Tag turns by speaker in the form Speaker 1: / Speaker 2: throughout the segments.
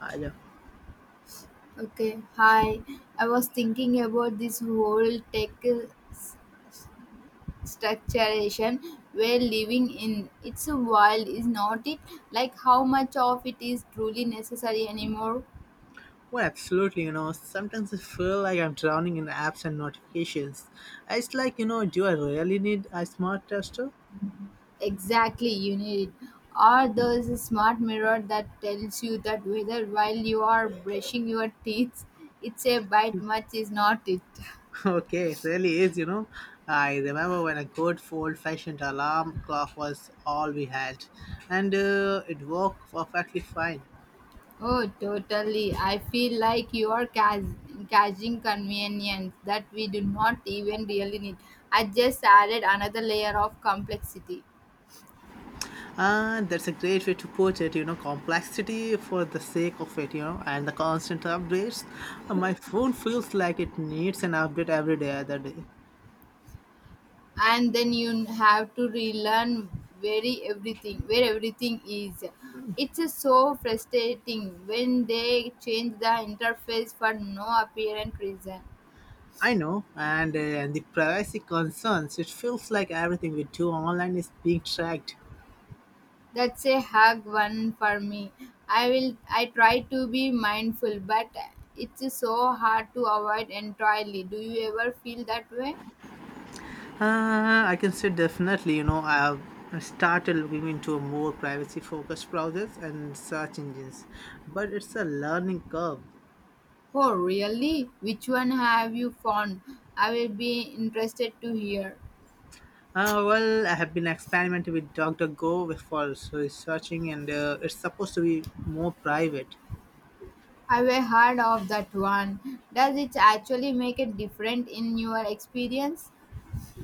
Speaker 1: I know.
Speaker 2: Okay, hi. I was thinking about this whole tech s- structuration we're living in. It's a wild, is not it? Like how much of it is truly necessary anymore?
Speaker 1: Well, absolutely. You know, sometimes I feel like I'm drowning in apps and notifications. It's like, do I really need a smart tester?
Speaker 2: Exactly, you need it. Or there's a smart mirror that tells you that whether while you are brushing your teeth, it's a bite much is not it.
Speaker 1: Okay, it really is. I remember when a good old fashioned alarm clock was all we had, and it worked perfectly fine.
Speaker 2: Oh, totally. I feel like you are catching convenience that we do not even really need. I just added another layer of complexity.
Speaker 1: Ah, that's a great way to put it, complexity for the sake of it, and the constant updates. My phone feels like it needs an update every day, other day.
Speaker 2: And then you have to relearn very everything, where everything is. It's just so frustrating when they change the interface for no apparent reason.
Speaker 1: I know, and the privacy concerns. It feels like everything we do online is being tracked.
Speaker 2: That's a hard one for me. I will I try to be mindful, but it's so hard to avoid entirely. Do you ever feel that way?
Speaker 1: I can say definitely, I have started looking into more privacy focused browsers and search engines, but it's a learning curve.
Speaker 2: Oh, really? Which one have you found? I will be interested to hear.
Speaker 1: Well, I have been experimenting with DuckDuckGo for researching, and it's supposed to be more private.
Speaker 2: Have you heard of that one? Does it actually make a difference in your experience?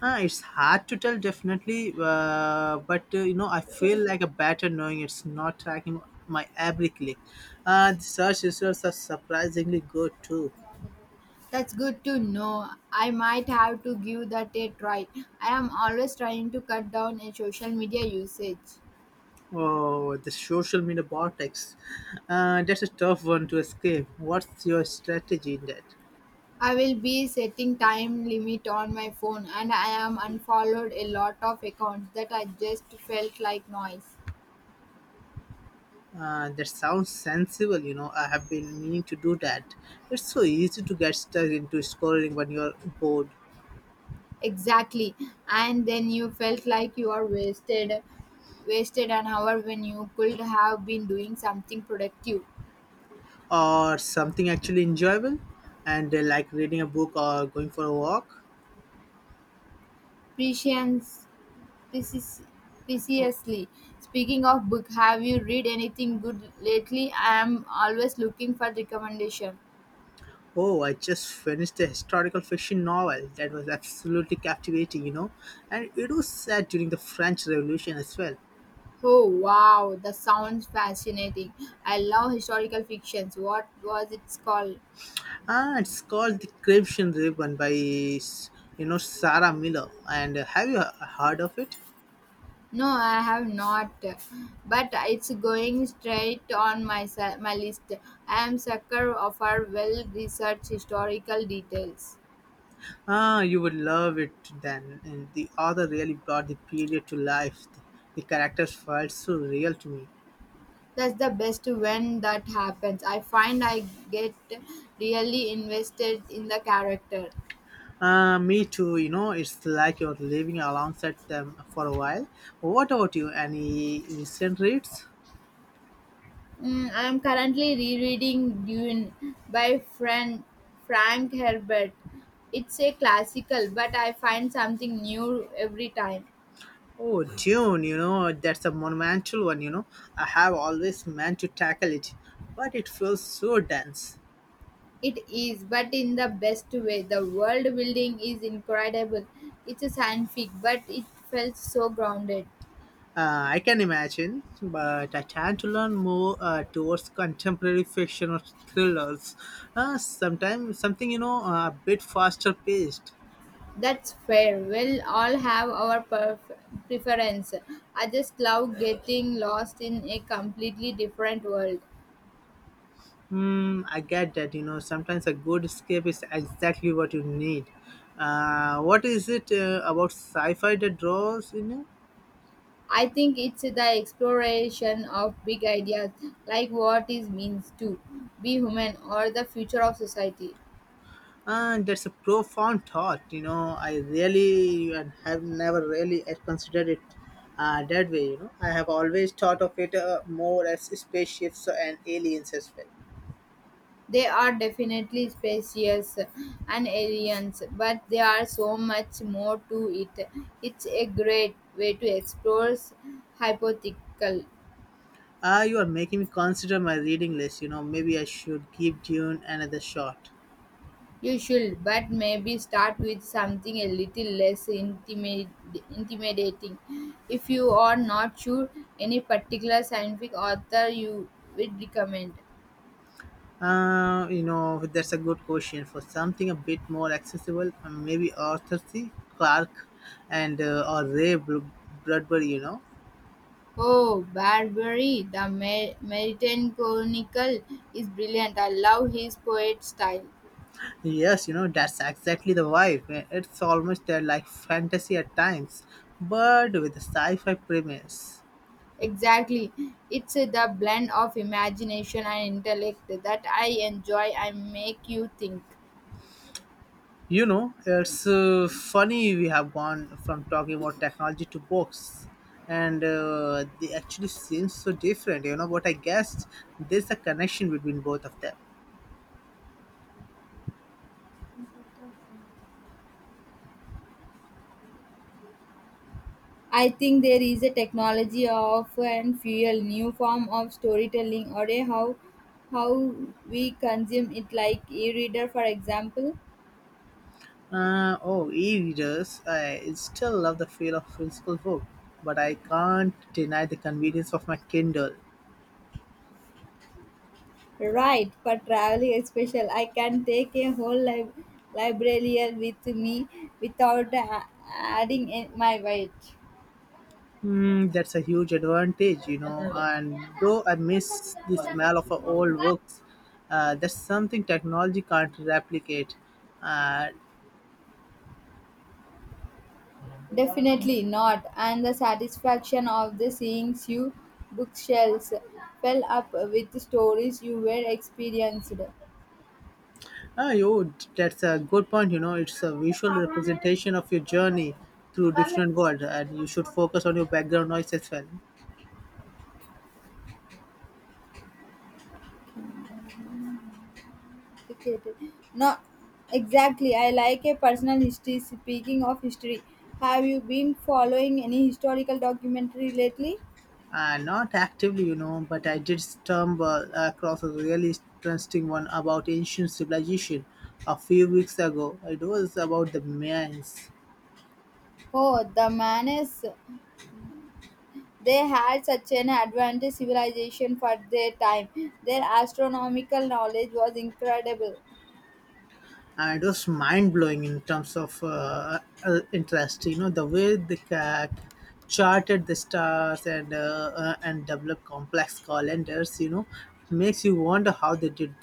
Speaker 1: Ah, it's hard to tell definitely, but I feel like a better knowing it's not tracking my every click. The search results are surprisingly good too.
Speaker 2: That's good to know. I might have to give that a try. I am always trying to cut down on social media usage.
Speaker 1: Oh, the social media vortex. That's a tough one to escape. What's your strategy in that?
Speaker 2: I will be setting time limit on my phone and I am unfollowed a lot of accounts that I just felt like noise.
Speaker 1: That sounds sensible. I have been meaning to do that. It's so easy to get stuck into scrolling when you're bored.
Speaker 2: Exactly. And then you felt like you are wasted an hour when you could have been doing something productive.
Speaker 1: Or something actually enjoyable, and like reading a book or going for a walk.
Speaker 2: Prescience precis- preciously. Speaking of book, have you read anything good lately? I am always looking for recommendation.
Speaker 1: Oh, I just finished a historical fiction novel that was absolutely captivating, and it was set during the French Revolution as well.
Speaker 2: Oh wow, that sounds fascinating. I love historical fictions. What was it called?
Speaker 1: Ah, it's called The Crimson Ribbon by Sarah Miller, and have you heard of it?
Speaker 2: No, I have not. But it's going straight on my list. I am sucker of our well-researched historical details.
Speaker 1: Ah, you would love it then, and the author really brought the period to life. The characters felt so real to me.
Speaker 2: That's the best when that happens. I find I get really invested in the character.
Speaker 1: Me too, it's like you're living alongside them for a while. What about you? Any recent reads?
Speaker 2: I am currently rereading Dune by Frank Herbert. It's a classical, but I find something new every time.
Speaker 1: Oh, Dune, that's a monumental one, I have always meant to tackle it, but it feels so dense.
Speaker 2: It is, but in the best way. The world building is incredible. It's a scientific, but it felt so grounded.
Speaker 1: I can imagine, but I tend to learn more towards contemporary fiction or thrillers. Sometimes something, a bit faster paced.
Speaker 2: That's fair. We'll all have our preference. I just love getting lost in a completely different world.
Speaker 1: Hmm, I get that. Sometimes a good escape is exactly what you need. What is it about sci-fi that draws in you?
Speaker 2: I think it's the exploration of big ideas, like what it means to be human or the future of society.
Speaker 1: That's a profound thought. I really and have never really considered it that way. I have always thought of it more as spaceships and aliens as well.
Speaker 2: They are definitely spacious and aliens, but there are so much more to it. It's a great way to explore hypothetical.
Speaker 1: Ah, you are making me consider my reading list. Maybe I should give Dune another shot.
Speaker 2: You should, but maybe start with something a little less intimidating. If you are not sure any particular scientific author you would recommend.
Speaker 1: That's a good question. For something a bit more accessible, maybe Arthur C. Clarke and or Ray Bradbury. You know,
Speaker 2: Oh, Barbary, the Meridian Chronicle is brilliant. I love his poet style.
Speaker 1: yes, that's exactly the vibe. It's almost like fantasy at times, but with a sci-fi premise.
Speaker 2: Exactly. It's the blend of imagination and intellect that I enjoy and make you think.
Speaker 1: It's funny we have gone from talking about technology to books, and they actually seem so different. But I guess there's a connection between both of them.
Speaker 2: I think there is a technology of and fuel new form of storytelling or a how we consume it like e-reader for example.
Speaker 1: Oh, e-readers. I still love the feel of physical book, but I can't deny the convenience of my Kindle.
Speaker 2: Right, for traveling especially I can take a whole library with me without adding in my weight.
Speaker 1: Hmm, that's a huge advantage. And though I miss the smell of old books, that's something technology can't replicate. And
Speaker 2: Definitely not. And the satisfaction of the seeing you bookshelves fill up with stories you were experienced.
Speaker 1: oh, that's a good point. It's a visual representation of your journey through different world, and you should focus on your background noise as well.
Speaker 2: Complicated. No, exactly. I like a personal history. Speaking of history, have you been following any historical documentary lately?
Speaker 1: Not actively, but I did stumble across a really interesting one about ancient civilization a few weeks ago. It was about the Mayans,
Speaker 2: Oh, the mayans. They had such an advanced civilization for their time. Their astronomical knowledge was incredible.
Speaker 1: and it was mind blowing in terms of interest. The way they charted the stars and developed complex calendars. It makes you wonder how they did.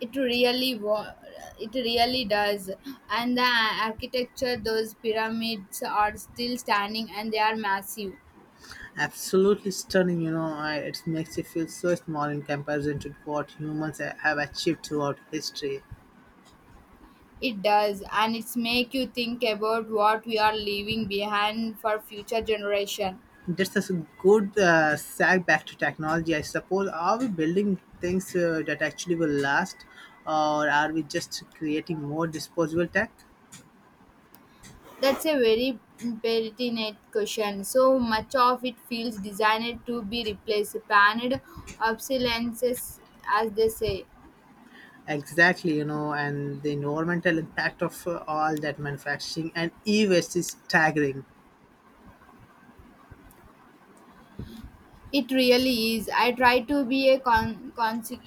Speaker 2: It really wa- it really does. And the architecture, those pyramids are still standing and they are massive.
Speaker 1: Absolutely stunning. It makes you feel so small in comparison to what humans have achieved throughout history.
Speaker 2: It does, and it's make you think about what we are leaving behind for future generation.
Speaker 1: That's a good sag back to technology, I suppose. Are we building things that actually will last, or are we just creating more disposable tech?
Speaker 2: That's a very pertinent question. So much of it feels designed to be replaced, planned obsolescence, as they say.
Speaker 1: Exactly, and the environmental impact of all that manufacturing and e waste is staggering.
Speaker 2: It really is. I try to be a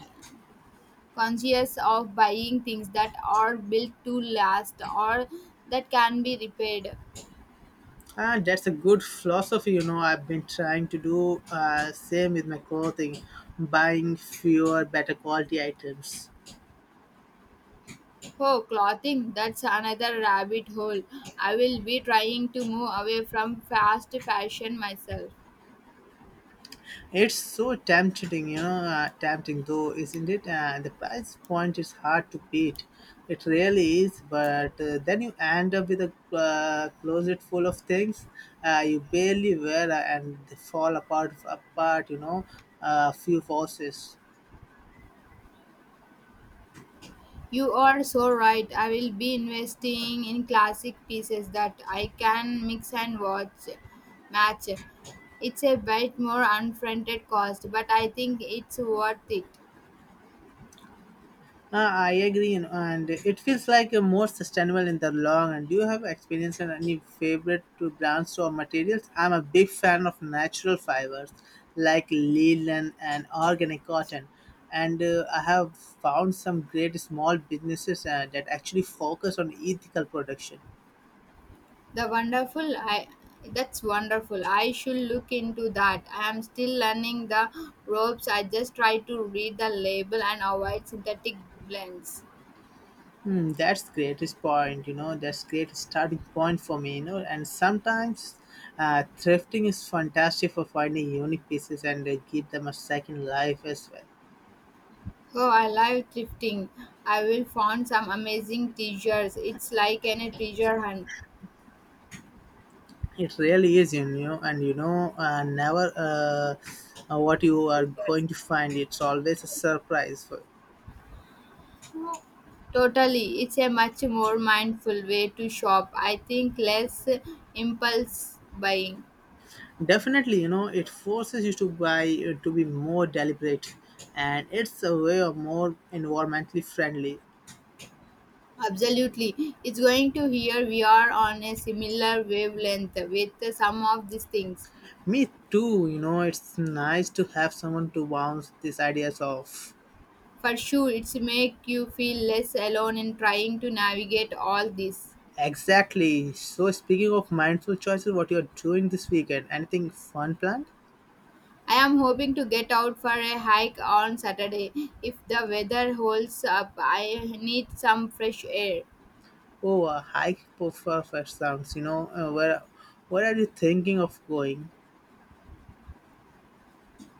Speaker 2: conscious of buying things that are built to last or that can be repaired.
Speaker 1: Ah, that's a good philosophy. I've been trying to do same with my clothing, buying fewer, better quality items.
Speaker 2: Oh, clothing, that's another rabbit hole. I will be trying to move away from fast fashion myself.
Speaker 1: It's so tempting, tempting though, isn't it? The price point is hard to beat. It really is, but then you end up with a closet full of things you barely wear and they fall apart, a few forces.
Speaker 2: You are so right. I will be investing in classic pieces that I can mix and watch match. It's a bit more unfronted cost, but I think it's worth it.
Speaker 1: I agree, and it feels like a more sustainable in the long. And do you have experience in any favorite to brands or materials? I'm a big fan of natural fibers like linen and organic cotton, and I have found some great small businesses that actually focus on ethical production.
Speaker 2: The wonderful I That's wonderful. I should look into that. I am still learning the ropes. I just try to read the label and avoid synthetic blends.
Speaker 1: Hmm, that's greatest point, that's great starting point for me, and sometimes thrifting is fantastic for finding unique pieces and give them a second life as well.
Speaker 2: Oh, I love thrifting. I will find some amazing treasures. It's like an treasure hunt.
Speaker 1: It really is, and never what you are
Speaker 2: Treasures.
Speaker 1: going to find. It's always a surprise. For
Speaker 2: Totally. It's a much more mindful way to shop. I think less impulse buying.
Speaker 1: definitely, it forces you to buy to be more deliberate, and it's a way of more environmentally friendly.
Speaker 2: Absolutely. It's going to hear we are on a similar wavelength with some of these things.
Speaker 1: Me too, it's nice to have someone to bounce these ideas off.
Speaker 2: For sure, it's make you feel less alone in trying to navigate all this.
Speaker 1: Exactly. So, speaking of mindful choices, what you're doing this weekend? Anything fun planned?
Speaker 2: I am hoping to get out for a hike on Saturday. If the weather holds up, I need some fresh air.
Speaker 1: Oh, a hike for sounds, where are you thinking of going?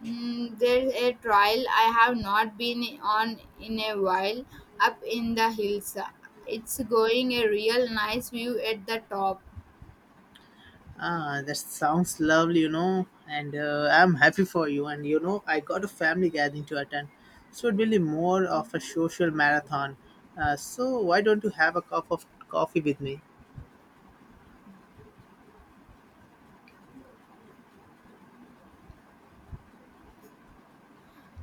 Speaker 2: There's a trail I have not been on in a while up in the hills. It's going a real nice view at the top.
Speaker 1: Ah, that sounds lovely, and I'm happy for you. And I got a family gathering to attend, so it will be more of a social marathon. So, why don't you have a cup of coffee with me?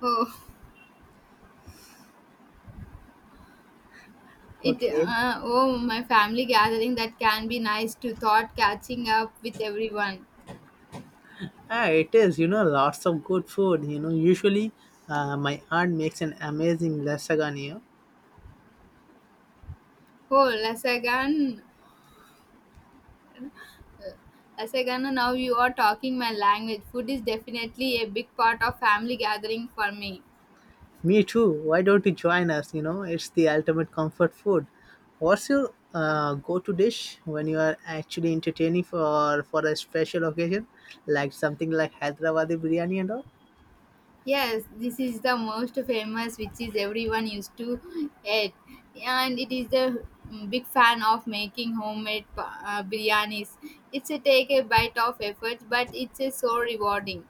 Speaker 2: It
Speaker 1: Okay.
Speaker 2: oh my family gathering that can be nice to thought catching up with everyone.
Speaker 1: Yeah, it is. Lots of good food. Usually, my aunt makes an amazing lasagna.
Speaker 2: Oh Lasagana now you are talking my language. Food is definitely a big part of family gathering for me.
Speaker 1: Me too. Why don't you join us? It's the ultimate comfort food. What's your go-to dish when you are actually entertaining for a special occasion, like something like Hyderabadi biryani and all?
Speaker 2: Yes, this is the most famous which is everyone used to eat. And it is the big fan of making homemade biryanis. It's a take a bite of effort but it's a so rewarding.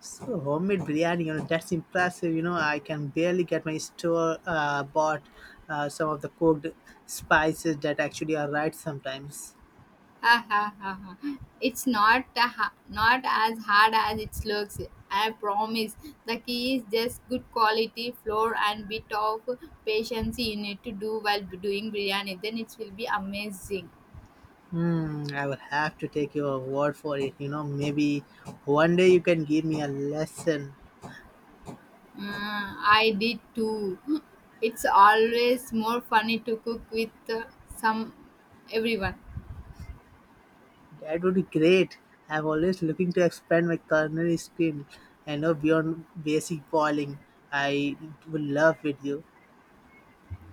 Speaker 1: So homemade biryani, that's impressive. I can barely get my store bought some of the cooked spices that actually are right sometimes.
Speaker 2: Ha ha ha ha. It's not a ha- not as hard as it looks. I promise. The key is just good quality flour and bit of patience you need to do while doing biryani. Then it will be amazing.
Speaker 1: Hmm, I will have to take your word for it. Maybe one day you can give me a lesson.
Speaker 2: Mm, I did too. It's always more funny to cook with uh, some everyone.
Speaker 1: That would be great. I'm always looking to expand my culinary skill and know beyond basic boiling. I would love with you.